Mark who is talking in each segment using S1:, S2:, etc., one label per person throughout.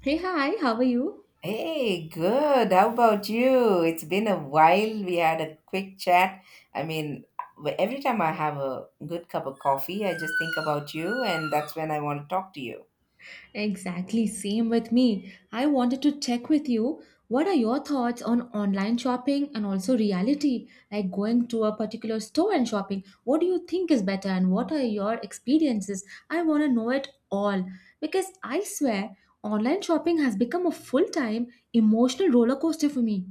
S1: Hey, hi, how are you?
S2: Hey, good. How about you? It's been a while. We had a quick chat. I mean, every time I have a good cup of coffee, I just think about you, and that's when I want to talk to you.
S1: Exactly, same with me. I wanted to check with you, what are your thoughts on online shopping and also reality, like going to a particular store and shopping? What do you think is better and what are your experiences? I want to know it all because I swear online shopping has become a full time emotional roller coaster for me.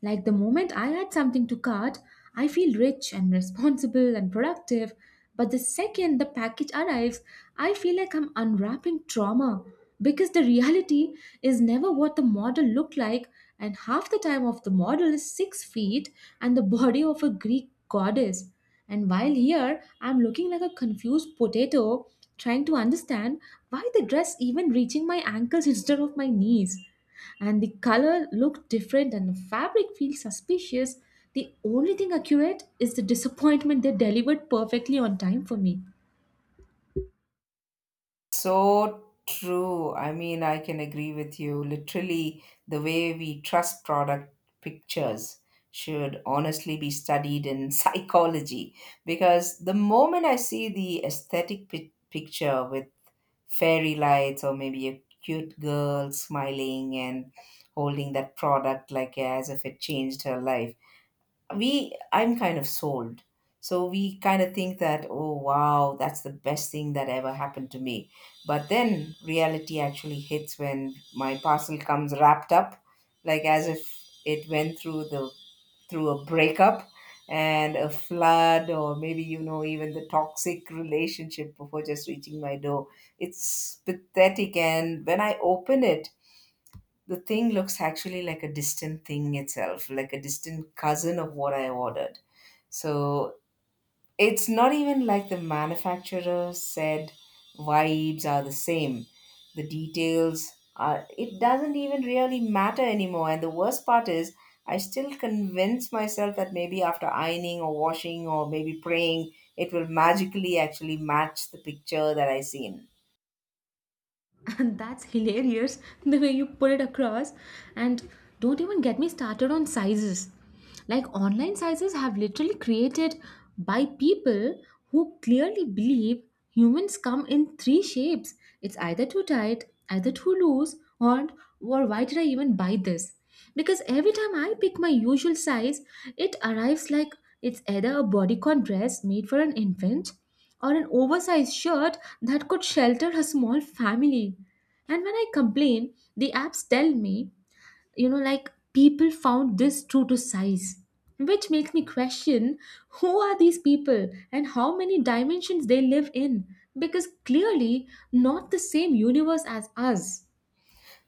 S1: Like, the moment I add something to cart, I feel rich and responsible and productive. But the second the package arrives, I feel like I'm unwrapping trauma, because the reality is never what the model looked like, and half the time of the model is 6 feet and the body of a Greek goddess. And while here I'm looking like a confused potato trying to understand why the dress even reaching my ankles instead of my knees, and the color looked different and the fabric feels suspicious, the only thing accurate is the disappointment. They delivered perfectly on time for me.
S2: So true. I mean, I can agree with you. Literally, the way we trust product pictures should honestly be studied in psychology because the moment I see the aesthetic picture with fairy lights or maybe a cute girl smiling and holding that product like as if it changed her life, we I'm kind of sold. So we kind of think that, oh wow, that's the best thing that ever happened to me. But then reality actually hits when my parcel comes wrapped up like as if it went through the through a breakup and a flood, or maybe, you know, even the toxic relationship before just reaching my door. It's pathetic. And when I open it, the thing looks actually like a distant thing itself like a distant cousin of what I ordered. So it's not even like the manufacturer said. Vibes are the same. The details are, it doesn't even really matter anymore. And the worst part is, I still convince myself that maybe after ironing or washing or maybe praying, it will magically actually match the picture that I seen.
S1: And that's hilarious, the way you put it across. And don't even get me started on sizes. Like, online sizes have literally created by people who clearly believe humans come in three shapes. It's either too tight, either too loose, or why did I even buy this? Because every time I pick my usual size, it arrives like it's either a bodycon dress made for an infant or an oversized shirt that could shelter a small family. And when I complain, the apps tell me, like people found this true to size, which makes me question who are these people and how many dimensions they live in, because clearly not the same universe as us.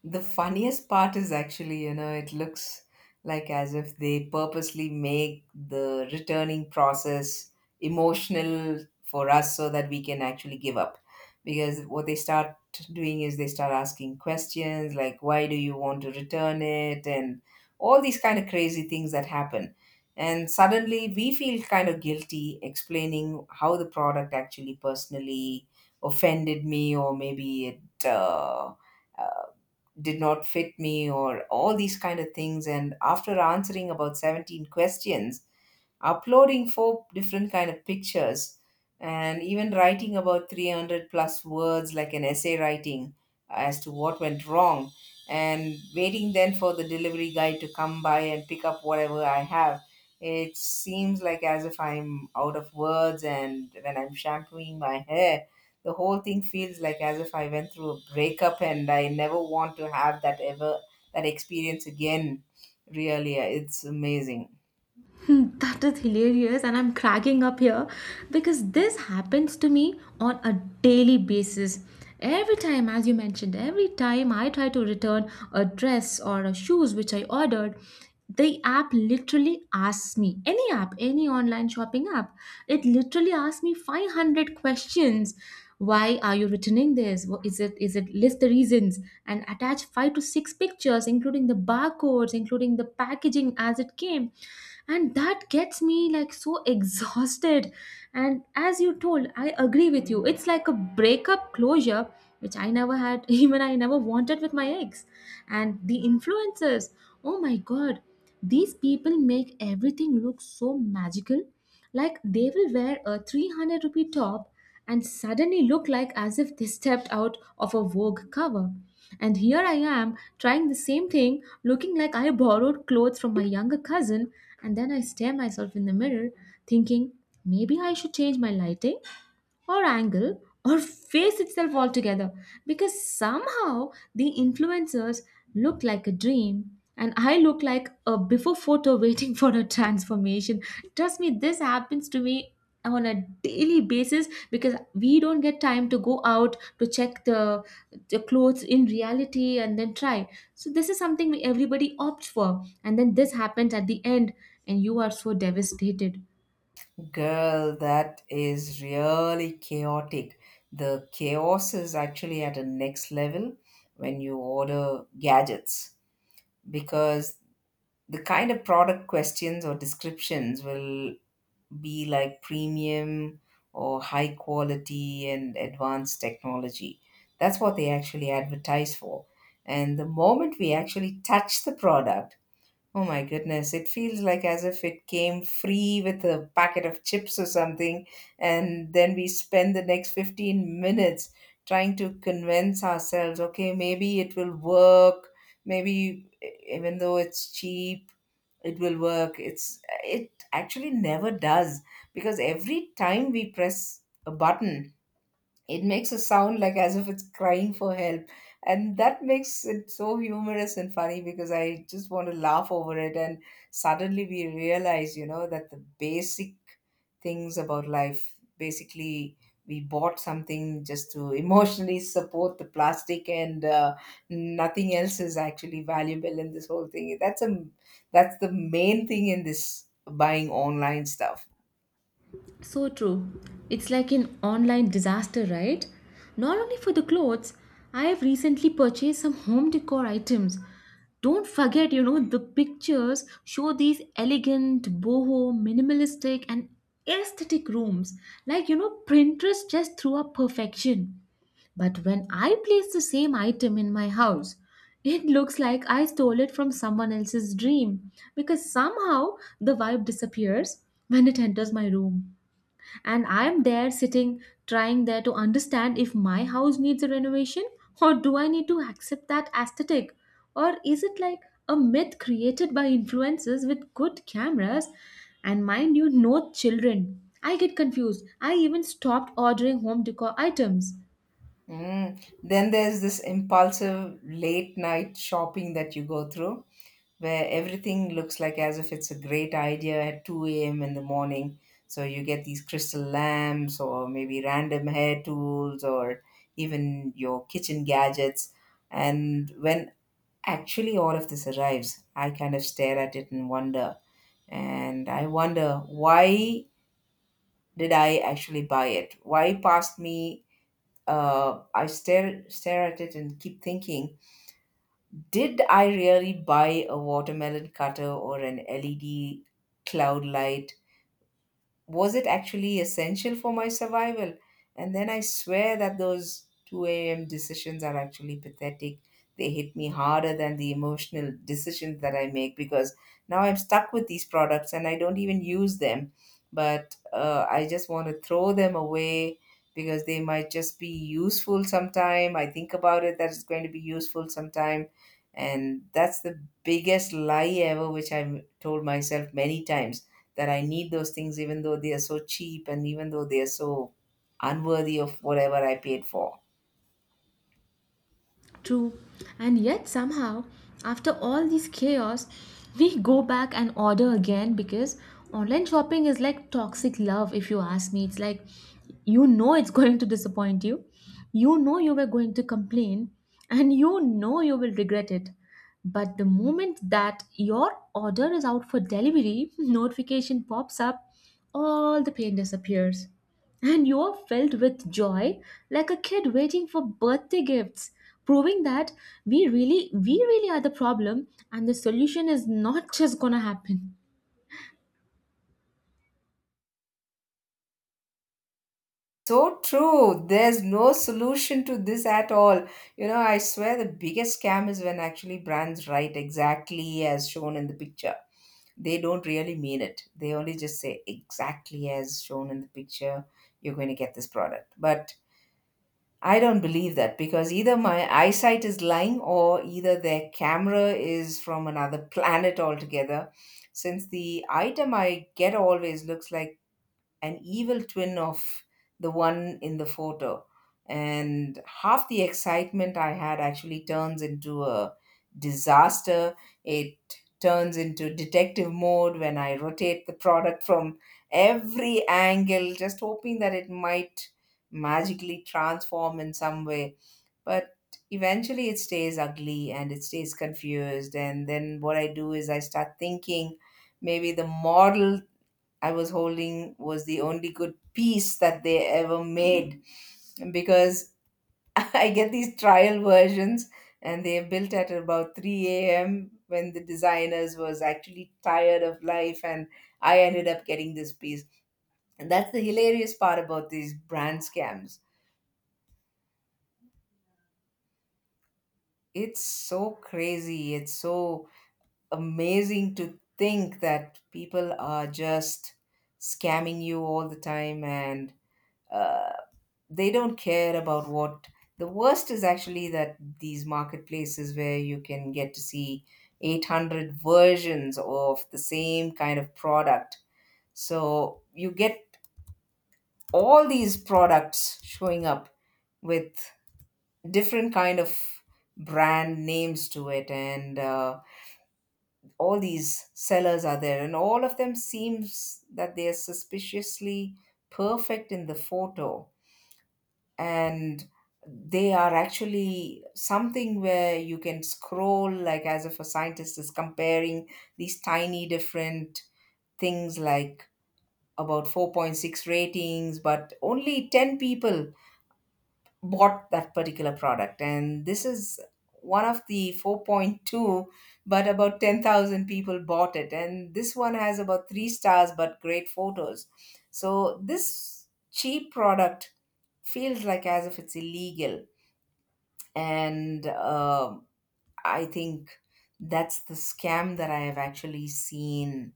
S2: The funniest part is actually, you know, it looks like as if they purposely make the returning process emotional for us so that we can actually give up. Because what they start doing is they start asking questions like, why do you want to return it? And all these kind of crazy things that happen. And suddenly we feel kind of guilty explaining how the product actually personally offended me, or maybe it, did not fit me, or all these kind of things. And after answering about 17 questions, uploading four different kind of pictures, and even writing about 300 plus words like an essay writing as to what went wrong, and waiting then for the delivery guy to come by and pick up whatever I have, it seems like as if I'm out of words. And when I'm shampooing my hair, the whole thing feels like as if I went through a breakup and I never want to have that ever, that experience again. Really, it's amazing.
S1: Hmm, that is hilarious, and I'm cracking up here because this happens to me on a daily basis. Every time, as you mentioned, every time I try to return a dress or a shoes which I ordered, the app literally asks me, any app, any online shopping app, it literally asks me 500 questions, why are you returning this, is it, list the reasons, and attach five to six pictures including the barcodes, including the packaging as it came, and that gets me like so exhausted. And as you told, I agree with you, it's like a breakup closure which I never had, even I never wanted with my ex. And the influencers, oh my god, these people make everything look so magical. Like, they will wear a 300 rupee top and suddenly look like as if they stepped out of a Vogue cover. And here I am trying the same thing, looking like I borrowed clothes from my younger cousin, and then I stare myself in the mirror, thinking maybe I should change my lighting or angle or face itself altogether, because somehow the influencers look like a dream and I look like a before photo waiting for a transformation. Trust me, this happens to me on a daily basis because we don't get time to go out to check the clothes in reality and then try. So this is something everybody opts for, and then this happens at the end and you are so devastated.
S2: Girl, that is really chaotic. The chaos is actually at a next level when you order gadgets, because the kind of product questions or descriptions will be like premium or high quality and advanced technology. That's what they actually advertise for. And the moment we actually touch the product, oh my goodness, it feels like as if it came free with a packet of chips or something, and then we spend the next 15 minutes trying to convince ourselves, okay, maybe it will work, even though it's cheap, it will work. It actually never does because every time we press a button, it makes a sound like as if it's crying for help, and that makes it so humorous and funny because I just want to laugh over it. And suddenly we realize, you know, that the basic things about life, basically, we bought something just to emotionally support the plastic, and nothing else is actually valuable in this whole thing. That's the main thing in this buying online stuff.
S1: So true. It's like an online disaster, right? Not only for the clothes, I have recently purchased some home decor items. Don't forget, the pictures show these elegant, boho, minimalistic, and aesthetic rooms. Like, Pinterest just threw up perfection. But when I place the same item in my house, it looks like I stole it from someone else's dream, because somehow the vibe disappears when it enters my room, and I'm there sitting, trying there to understand if my house needs a renovation or do I need to accept that aesthetic, or is it like a myth created by influencers with good cameras. And mind you, no children, I get confused. I even stopped ordering home decor items.
S2: Mm. Then there's this impulsive late night shopping that you go through where everything looks like as if it's a great idea at 2 a.m. in the morning. So you get these crystal lamps or maybe random hair tools or even your kitchen gadgets. And when actually all of this arrives, I kind of stare at it and wonder. And I wonder, why did I actually buy it? Why passed me, uh, I stare at it and keep thinking, did I really buy a watermelon cutter or an LED cloud light? Was it actually essential for my survival? And then I swear that those 2 a.m. decisions are actually pathetic. They hit me harder than the emotional decisions that I make because now I'm stuck with these products and I don't even use them. But I just want to throw them away because they might just be useful sometime. I think about it that it's going to be useful sometime, and that's the biggest lie ever which I've told myself many times, that I need those things even though they are so cheap and even though they are so unworthy of whatever I paid for.
S1: True. And yet, somehow, after all this chaos, we go back and order again because online shopping is like toxic love, if you ask me. It's like, you know it's going to disappoint you, you know you were going to complain, and you know you will regret it. But the moment that your order is out for delivery, notification pops up, all the pain disappears and you're filled with joy like a kid waiting for birthday gifts, proving that we really are the problem and the solution is not just gonna happen.
S2: So true, there's no solution to this at all. You know, I swear the biggest scam is when actually brands write exactly as shown in the picture. They don't really mean it. They only just say exactly as shown in the picture, you're going to get this product. But I don't believe that because either my eyesight is lying or either their camera is from another planet altogether. Since the item I get always looks like an evil twin of the one in the photo. And half the excitement I had actually turns into a disaster. It turns into detective mode when I rotate the product from every angle, just hoping that it might magically transform in some way. But eventually it stays ugly and it stays confused. And then what I do is I start thinking, maybe the model I was holding was the only good piece that they ever made because I get these trial versions and they're built at about 3 a.m. when the designers was actually tired of life and I ended up getting this piece. And that's the hilarious part about these brand scams. It's so crazy. It's so amazing to think that people are just scamming you all the time, and uh, they don't care about what. The worst is actually that these marketplaces where you can get to see 800 versions of the same kind of product, so you get all these products showing up with different kind of brand names to it, and all these sellers are there and all of them seems that they are suspiciously perfect in the photo. And they are actually something where you can scroll like as if a scientist is comparing these tiny different things, like about 4.6 ratings but only 10 people bought that particular product, and this is one of the 4.2 but about 10,000 people bought it, and this one has about 3 stars but great photos. So this cheap product feels like as if it's illegal. And I think that's the scam that I have actually seen.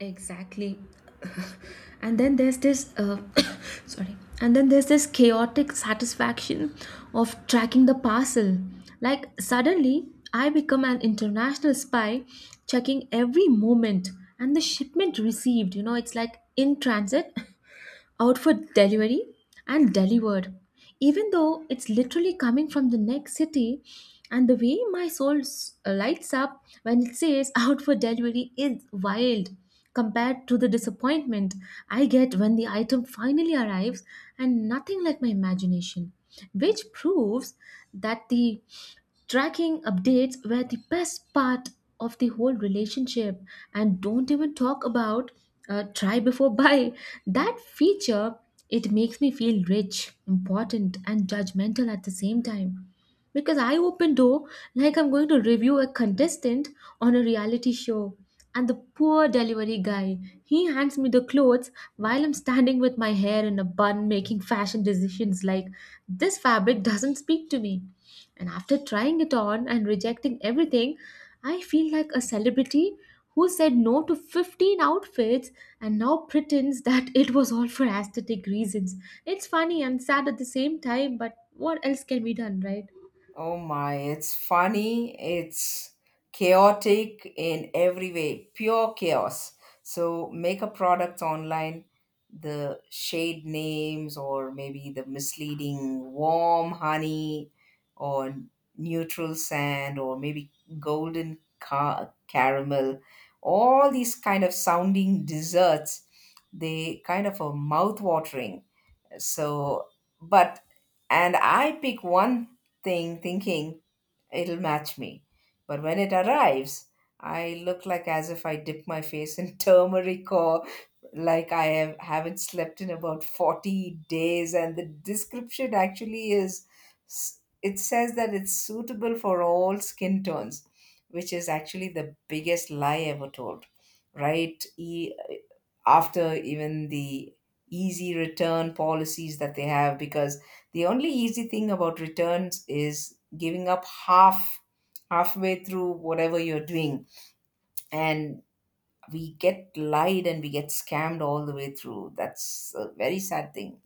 S1: Exactly. And then there's this, sorry, and then there's this chaotic satisfaction of tracking the parcel. Like, suddenly, I become an international spy checking every moment, and the shipment received. It's like, in transit, out for delivery, and delivered, even though it's literally coming from the next city. And the way my soul lights up when it says out for delivery is wild, compared to the disappointment I get when the item finally arrives and nothing like my imagination, which proves that the tracking updates were the best part of the whole relationship. And don't even talk about try before buy, that feature. It makes me feel rich, important, and judgmental at the same time, because I open door like I'm going to review a contestant on a reality show, and the poor delivery guy, he hands me the clothes while I'm standing with my hair in a bun making fashion decisions like, this fabric doesn't speak to me. And after trying it on and rejecting everything, I feel like a celebrity who said no to 15 outfits and now pretends that it was all for aesthetic reasons. It's funny and sad at the same time, but what else can be done, right?
S2: Oh my, it's funny, it's chaotic in every way, pure chaos. So make a product online, the shade names or maybe the misleading warm honey, or neutral sand, or maybe golden caramel, all these kind of sounding desserts, they kind of are mouth-watering. So, but, and I pick one thing thinking it'll match me. But when it arrives, I look like as if I dip my face in turmeric, or like I haven't slept in about 40 days. And the description actually it says that it's suitable for all skin tones, which is actually the biggest lie ever told, right? After even the easy return policies that they have, because the only easy thing about returns is giving up halfway through whatever you're doing, and we get lied and we get scammed all the way through. That's a very sad thing.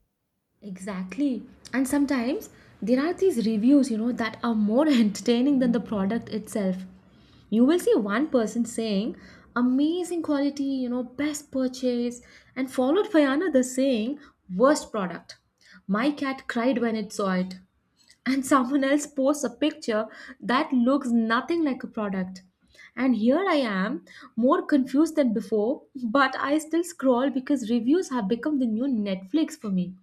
S1: Exactly. And sometimes there are these reviews, that are more entertaining than the product itself. You will see one person saying, amazing quality, best purchase, and followed by another saying, worst product. My cat cried when it saw it. And someone else posts a picture that looks nothing like a product. And here I am, more confused than before, but I still scroll because reviews have become the new Netflix for me.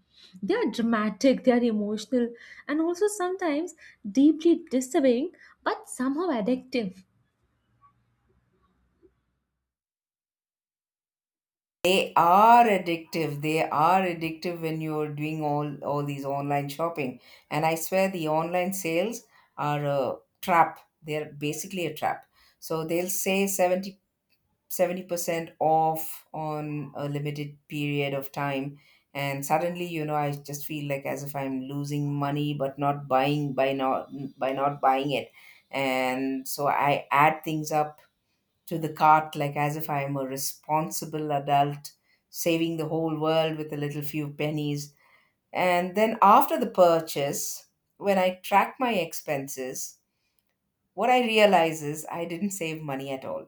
S1: They are dramatic, they are emotional, and also sometimes deeply disturbing, but somehow addictive.
S2: They are addictive, they are addictive when you're doing all these online shopping. And I swear the online sales are a trap, they're basically a trap. So they'll say 70% off on a limited period of time, and suddenly, you know, I just feel like as if I'm losing money but not buying by not buying it and so I add things up to the cart like as if I'm a responsible adult saving the whole world with a little few pennies. And then after the purchase, when I track my expenses, what I realize is I didn't save money at all.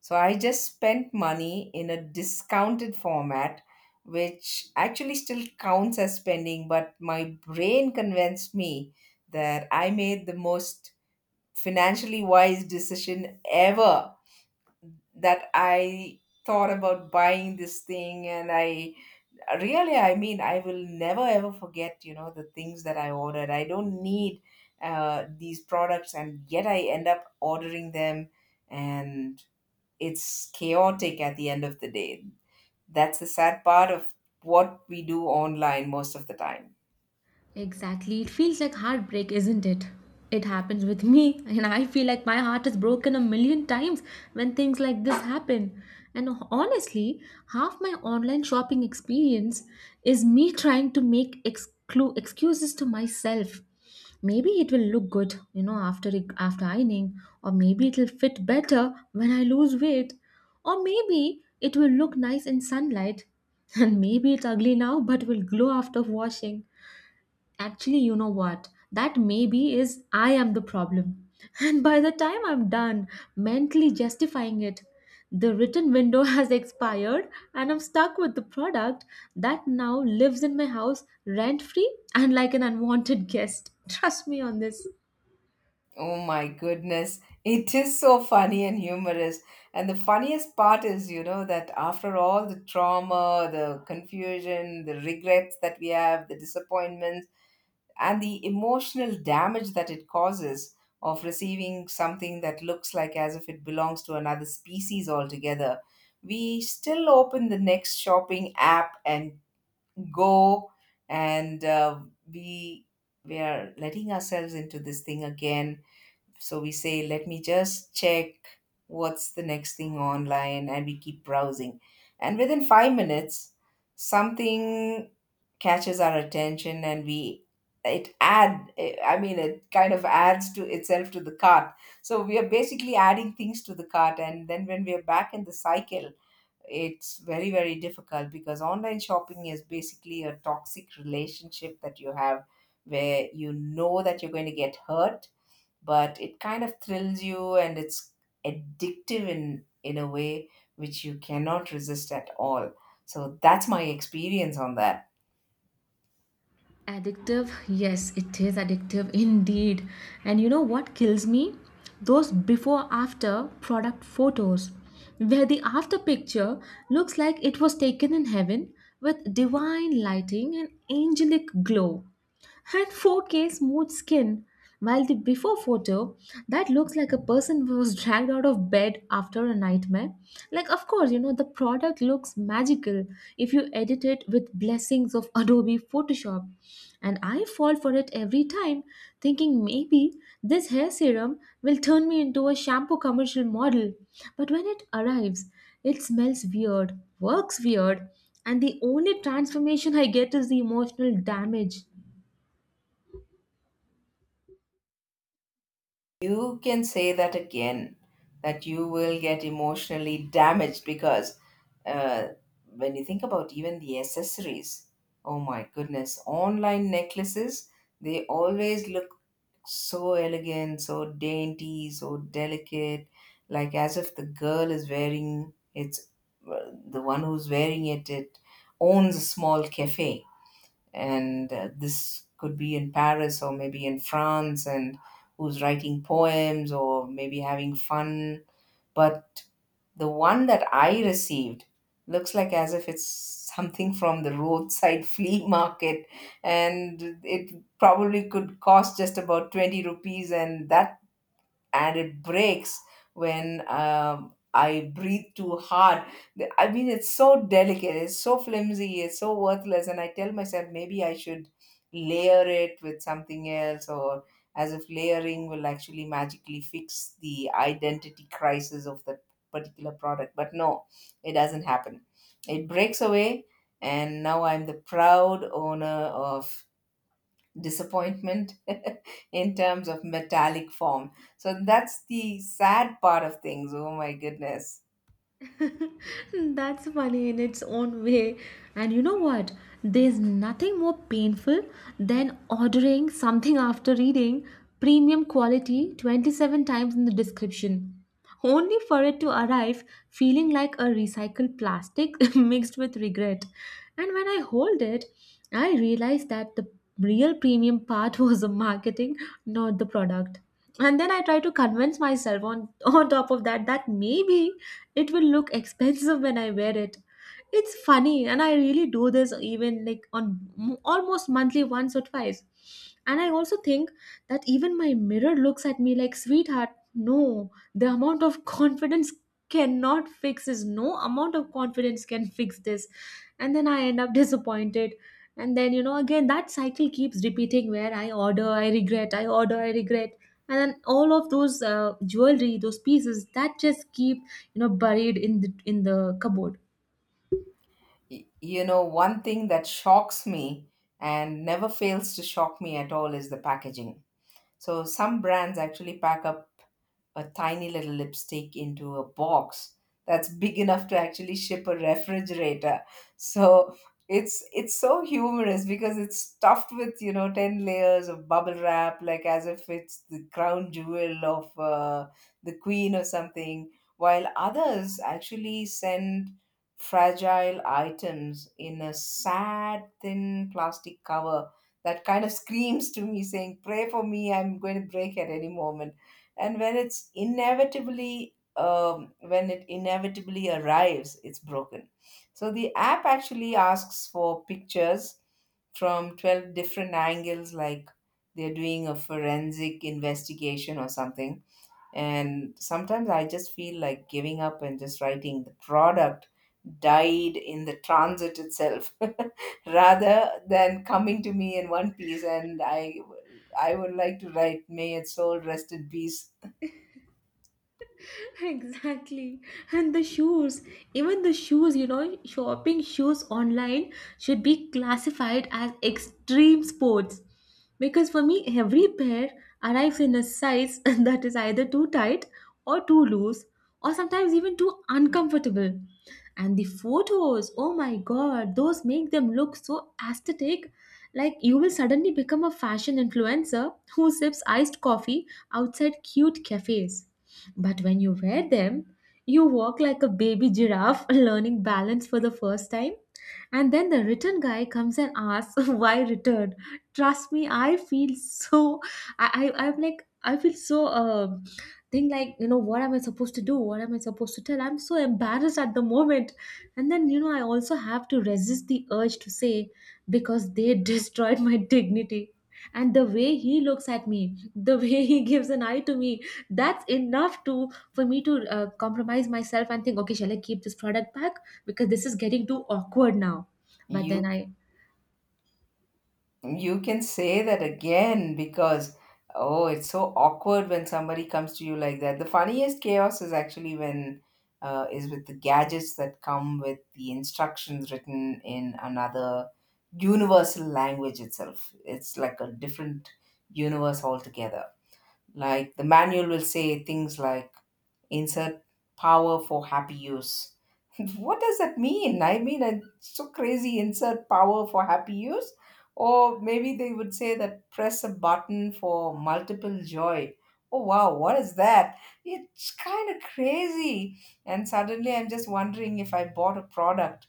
S2: So I just spent money in a discounted format, which actually still counts as spending, but my brain convinced me that I made the most financially wise decision ever. That I thought about buying this thing, and I really, I mean, I will never ever forget, you know, the things that I ordered I don't need, these products, and yet I end up ordering them. And it's chaotic at the end of the day. That's the sad part of what we do online most of the time.
S1: Exactly. It feels like heartbreak, isn't it? It happens with me, and I feel like my heart is broken a million times when things like this happen. And honestly, half my online shopping experience is me trying to make excuses to myself. Maybe it will look good, after ironing, or maybe it'll fit better when I lose weight, or maybe it will look nice in sunlight, and maybe it's ugly now but will glow after washing. Actually, you know what? That maybe is I am the problem. And by the time I'm done mentally justifying it, the written window has expired, and I'm stuck with the product that now lives in my house rent free and like an unwanted guest. Trust me on this.
S2: Oh my goodness. It is so funny and humorous. And the funniest part is, you know, that after all the trauma, the confusion, the regrets that we have, the disappointments, and the emotional damage that it causes of receiving something that looks like as if it belongs to another species altogether, we still open the next shopping app and go and we we are letting ourselves into this thing again. So we say, let me just check what's the next thing online, and we keep browsing, and within 5 minutes something catches our attention, and we— it add it kind of adds to itself to the cart. So we are basically adding things to the cart, and then when we are back in the cycle, it's very, very difficult, because online shopping is basically a toxic relationship that you have, where you know that you're going to get hurt, but it kind of thrills you, and it's addictive in a way which you cannot resist at all. So that's my experience on that.
S1: Addictive? Yes, it is addictive indeed. And you know what kills me? Those before after product photos, where the after picture looks like it was taken in heaven with divine lighting and angelic glow and 4K smooth skin. While the before photo, that looks like a person who was dragged out of bed after a nightmare. Like, of course, the product looks magical if you edit it with blessings of Adobe Photoshop. And I fall for it every time, thinking maybe this hair serum will turn me into a shampoo commercial model. But when it arrives, it smells weird, works weird, and the only transformation I get is the emotional damage.
S2: You can say that again, that you will get emotionally damaged because, uh, when you think about even the accessories, oh my goodness, online necklaces, they always look so elegant, so dainty, so delicate, like as if the girl is wearing— it's the one who's wearing it, it owns a small cafe, and this could be in Paris or maybe in France, and who's writing poems or maybe having fun. But the one that I received looks like as if it's something from the roadside flea market, and it probably could cost just about 20 rupees, and that and it breaks when I breathe too hard. It's so delicate, it's so flimsy, it's so worthless. And I tell myself maybe I should layer it with something else, or as if layering will actually magically fix the identity crisis of that particular product. But no, it doesn't happen. It breaks away, and now I'm the proud owner of disappointment in terms of metallic form. So that's the sad part of things. Oh my goodness.
S1: That's funny in its own way. And you know what? There's nothing more painful than ordering something after reading premium quality 27 times in the description, only for it to arrive feeling like a recycled plastic mixed with regret. And when I hold it, I realize that the real premium part was the marketing, not the product. And then I try to convince myself on, on top of that, that maybe it will look expensive when I wear it. It's funny, and I really do this even like on almost monthly once or twice. And I also think that even my mirror looks at me like, sweetheart, no, the amount of confidence cannot fix this. No amount of confidence can fix this. And then I end up disappointed. And then, again, that cycle keeps repeating where I order, I regret, I order, I regret, and then all of those jewelry, those pieces that just keep, buried in the cupboard.
S2: You know, one thing that shocks me and never fails to shock me at all is the packaging. So some brands actually pack up a tiny little lipstick into a box that's big enough to actually ship a refrigerator. So it's so humorous because it's stuffed with, you know, 10 layers of bubble wrap, like as if it's the crown jewel of the queen or something, while others actually send fragile items in a sad thin plastic cover that kind of screams to me saying, "Pray for me, I'm going to break at any moment." And when it's inevitably— when it inevitably arrives, it's broken. So the app actually asks for pictures from 12 different angles, like they're doing a forensic investigation or something, and sometimes I just feel like giving up and just writing the product died in the transit itself rather than coming to me in one piece, and I would like to write, "May its soul rest in peace."
S1: Exactly. And the shoes, even the shoes, you know, shopping shoes online should be classified as extreme sports. Because for me, every pair arrives in a size that is either too tight or too loose, or sometimes even too uncomfortable. And the photos, oh my god, those make them look so aesthetic. Like you will suddenly become a fashion influencer who sips iced coffee outside cute cafes. But when you wear them, you walk like a baby giraffe learning balance for the first time. And then the return guy comes and asks, why return? Trust me, I feel so. I'm like, I feel so. Think like, you know, what am I supposed to do, what am I supposed to tell? I'm so embarrassed at the moment. And then, you know, I also have to resist the urge to say, because they destroyed my dignity, and the way he looks at me, the way he gives an eye to me, that's enough to, for me to compromise myself and think, okay, shall I keep this product back, because this is getting too awkward now. But then
S2: You
S1: I
S2: You can say that again, because, oh, it's so awkward when somebody comes to you like that. The funniest chaos is actually when is with the gadgets that come with the instructions written in another universal language itself. It's like a different universe altogether. Like the manual will say things like, "Insert power for happy use." What does that mean? I mean, it's so crazy. Insert power for happy use. Or maybe they would say that, "Press a button for multiple joy." Oh, wow, what is that? It's kind of crazy. And suddenly I'm just wondering if I bought a product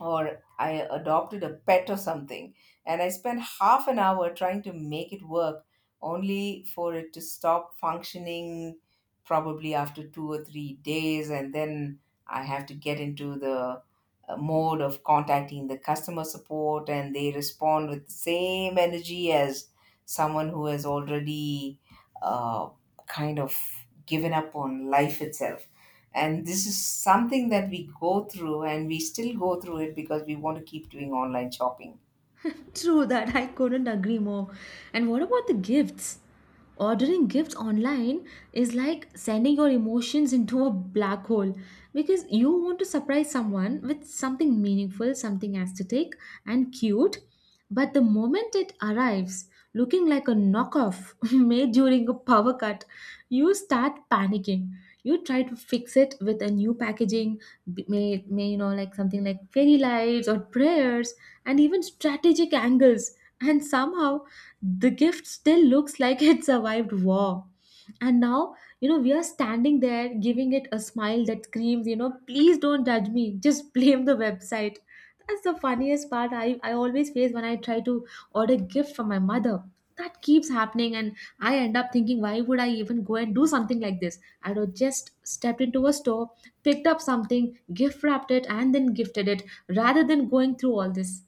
S2: or I adopted a pet or something, and I spent half an hour trying to make it work, only for it to stop functioning probably after 2 or 3 days, and then I have to get into the mode of contacting the customer support, and they respond with the same energy as someone who has already uh, kind of given up on life itself. And this is something that we go through, and we still go through it, because we want to keep doing online shopping.
S1: true that, I couldn't agree more. And what about the gifts? Ordering gifts online is like sending your emotions into a black hole, because you want to surprise someone with something meaningful, something aesthetic and cute. But the moment it arrives, looking like a knockoff made during a power cut, you start panicking. You try to fix it with a new packaging, b- may you know, like something like fairy lights or prayers and even strategic angles. And somehow the gift still looks like it survived war. And now, you know, we are standing there giving it a smile that screams, you know, please don't judge me, just blame the website. That's the funniest part I always face when I try to order gift from my mother. That keeps happening, and I end up thinking, why would I even go and do something like this? I'd have just stepped into a store, picked up something, gift wrapped it, and then gifted it rather than going through all this.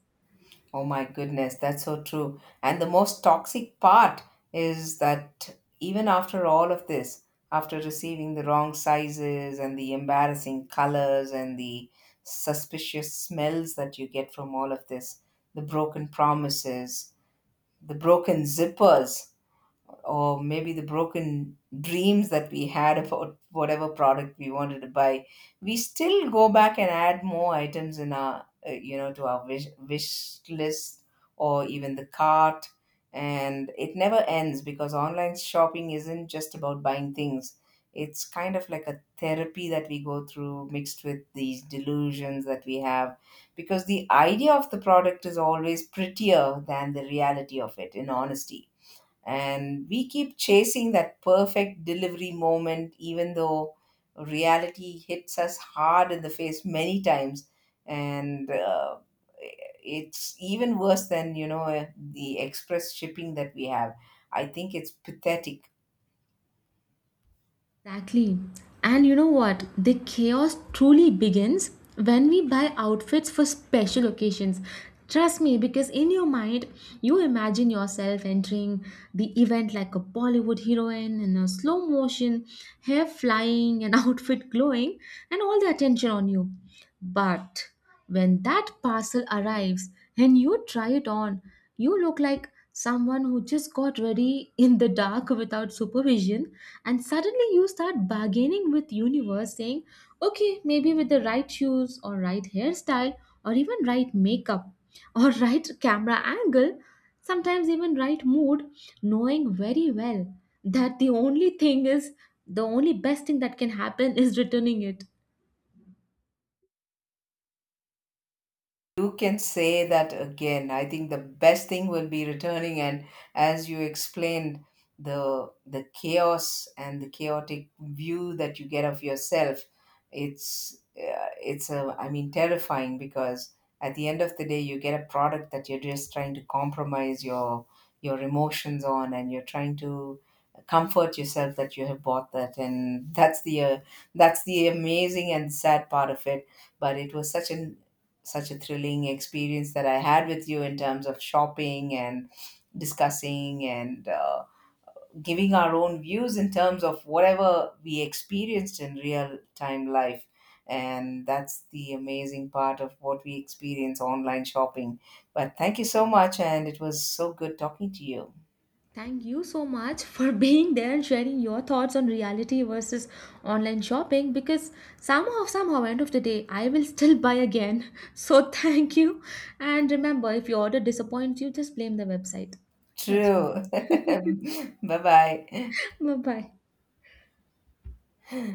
S2: Oh my goodness, that's so true. And the most toxic part is that even after all of this, after receiving the wrong sizes and the embarrassing colors and the suspicious smells that you get from all of this, the broken promises, the broken zippers, or maybe the broken dreams that we had about whatever product we wanted to buy, we still go back and add more items in our— you know, to our wish list or even the cart. And it never ends, because online shopping isn't just about buying things. It's kind of like a therapy that we go through, mixed with these delusions that we have, because the idea of the product is always prettier than the reality of it, in honesty. And we keep chasing that perfect delivery moment, even though reality hits us hard in the face many times. And it's even worse than, you know, the express shipping that we have. I think it's pathetic.
S1: Exactly. And you know what? The chaos truly begins when we buy outfits for special occasions. Trust me, because in your mind, you imagine yourself entering the event like a Bollywood heroine in a slow motion, hair flying, and outfit glowing, and all the attention on you. But when that parcel arrives and you try it on, you look like someone who just got ready in the dark without supervision, and suddenly you start bargaining with universe saying, okay, maybe with the right shoes or right hairstyle or even right makeup or right camera angle, sometimes even right mood, knowing very well that the only thing is, the only best thing that can happen is returning it.
S2: You can say that again. I think the best thing will be returning. And as you explained, the chaos and the chaotic view that you get of yourself, it's a, I mean, terrifying, because at the end of the day, you get a product that you're just trying to compromise your emotions on, and you're trying to comfort yourself that you have bought that. And that's the amazing and sad part of it. But it was such a— such a thrilling experience that I had with you in terms of shopping and discussing and, giving our own views in terms of whatever we experienced in real time life. And that's the amazing part of what we experience online shopping. But thank you so much, and it was so good talking to you.
S1: Thank you so much for being there and sharing your thoughts on reality versus online shopping, because somehow, somehow end of the day I will still buy again. So thank you, and remember, if your order disappoints you, just blame the website. Catch you.
S2: True. Bye bye.
S1: Bye bye.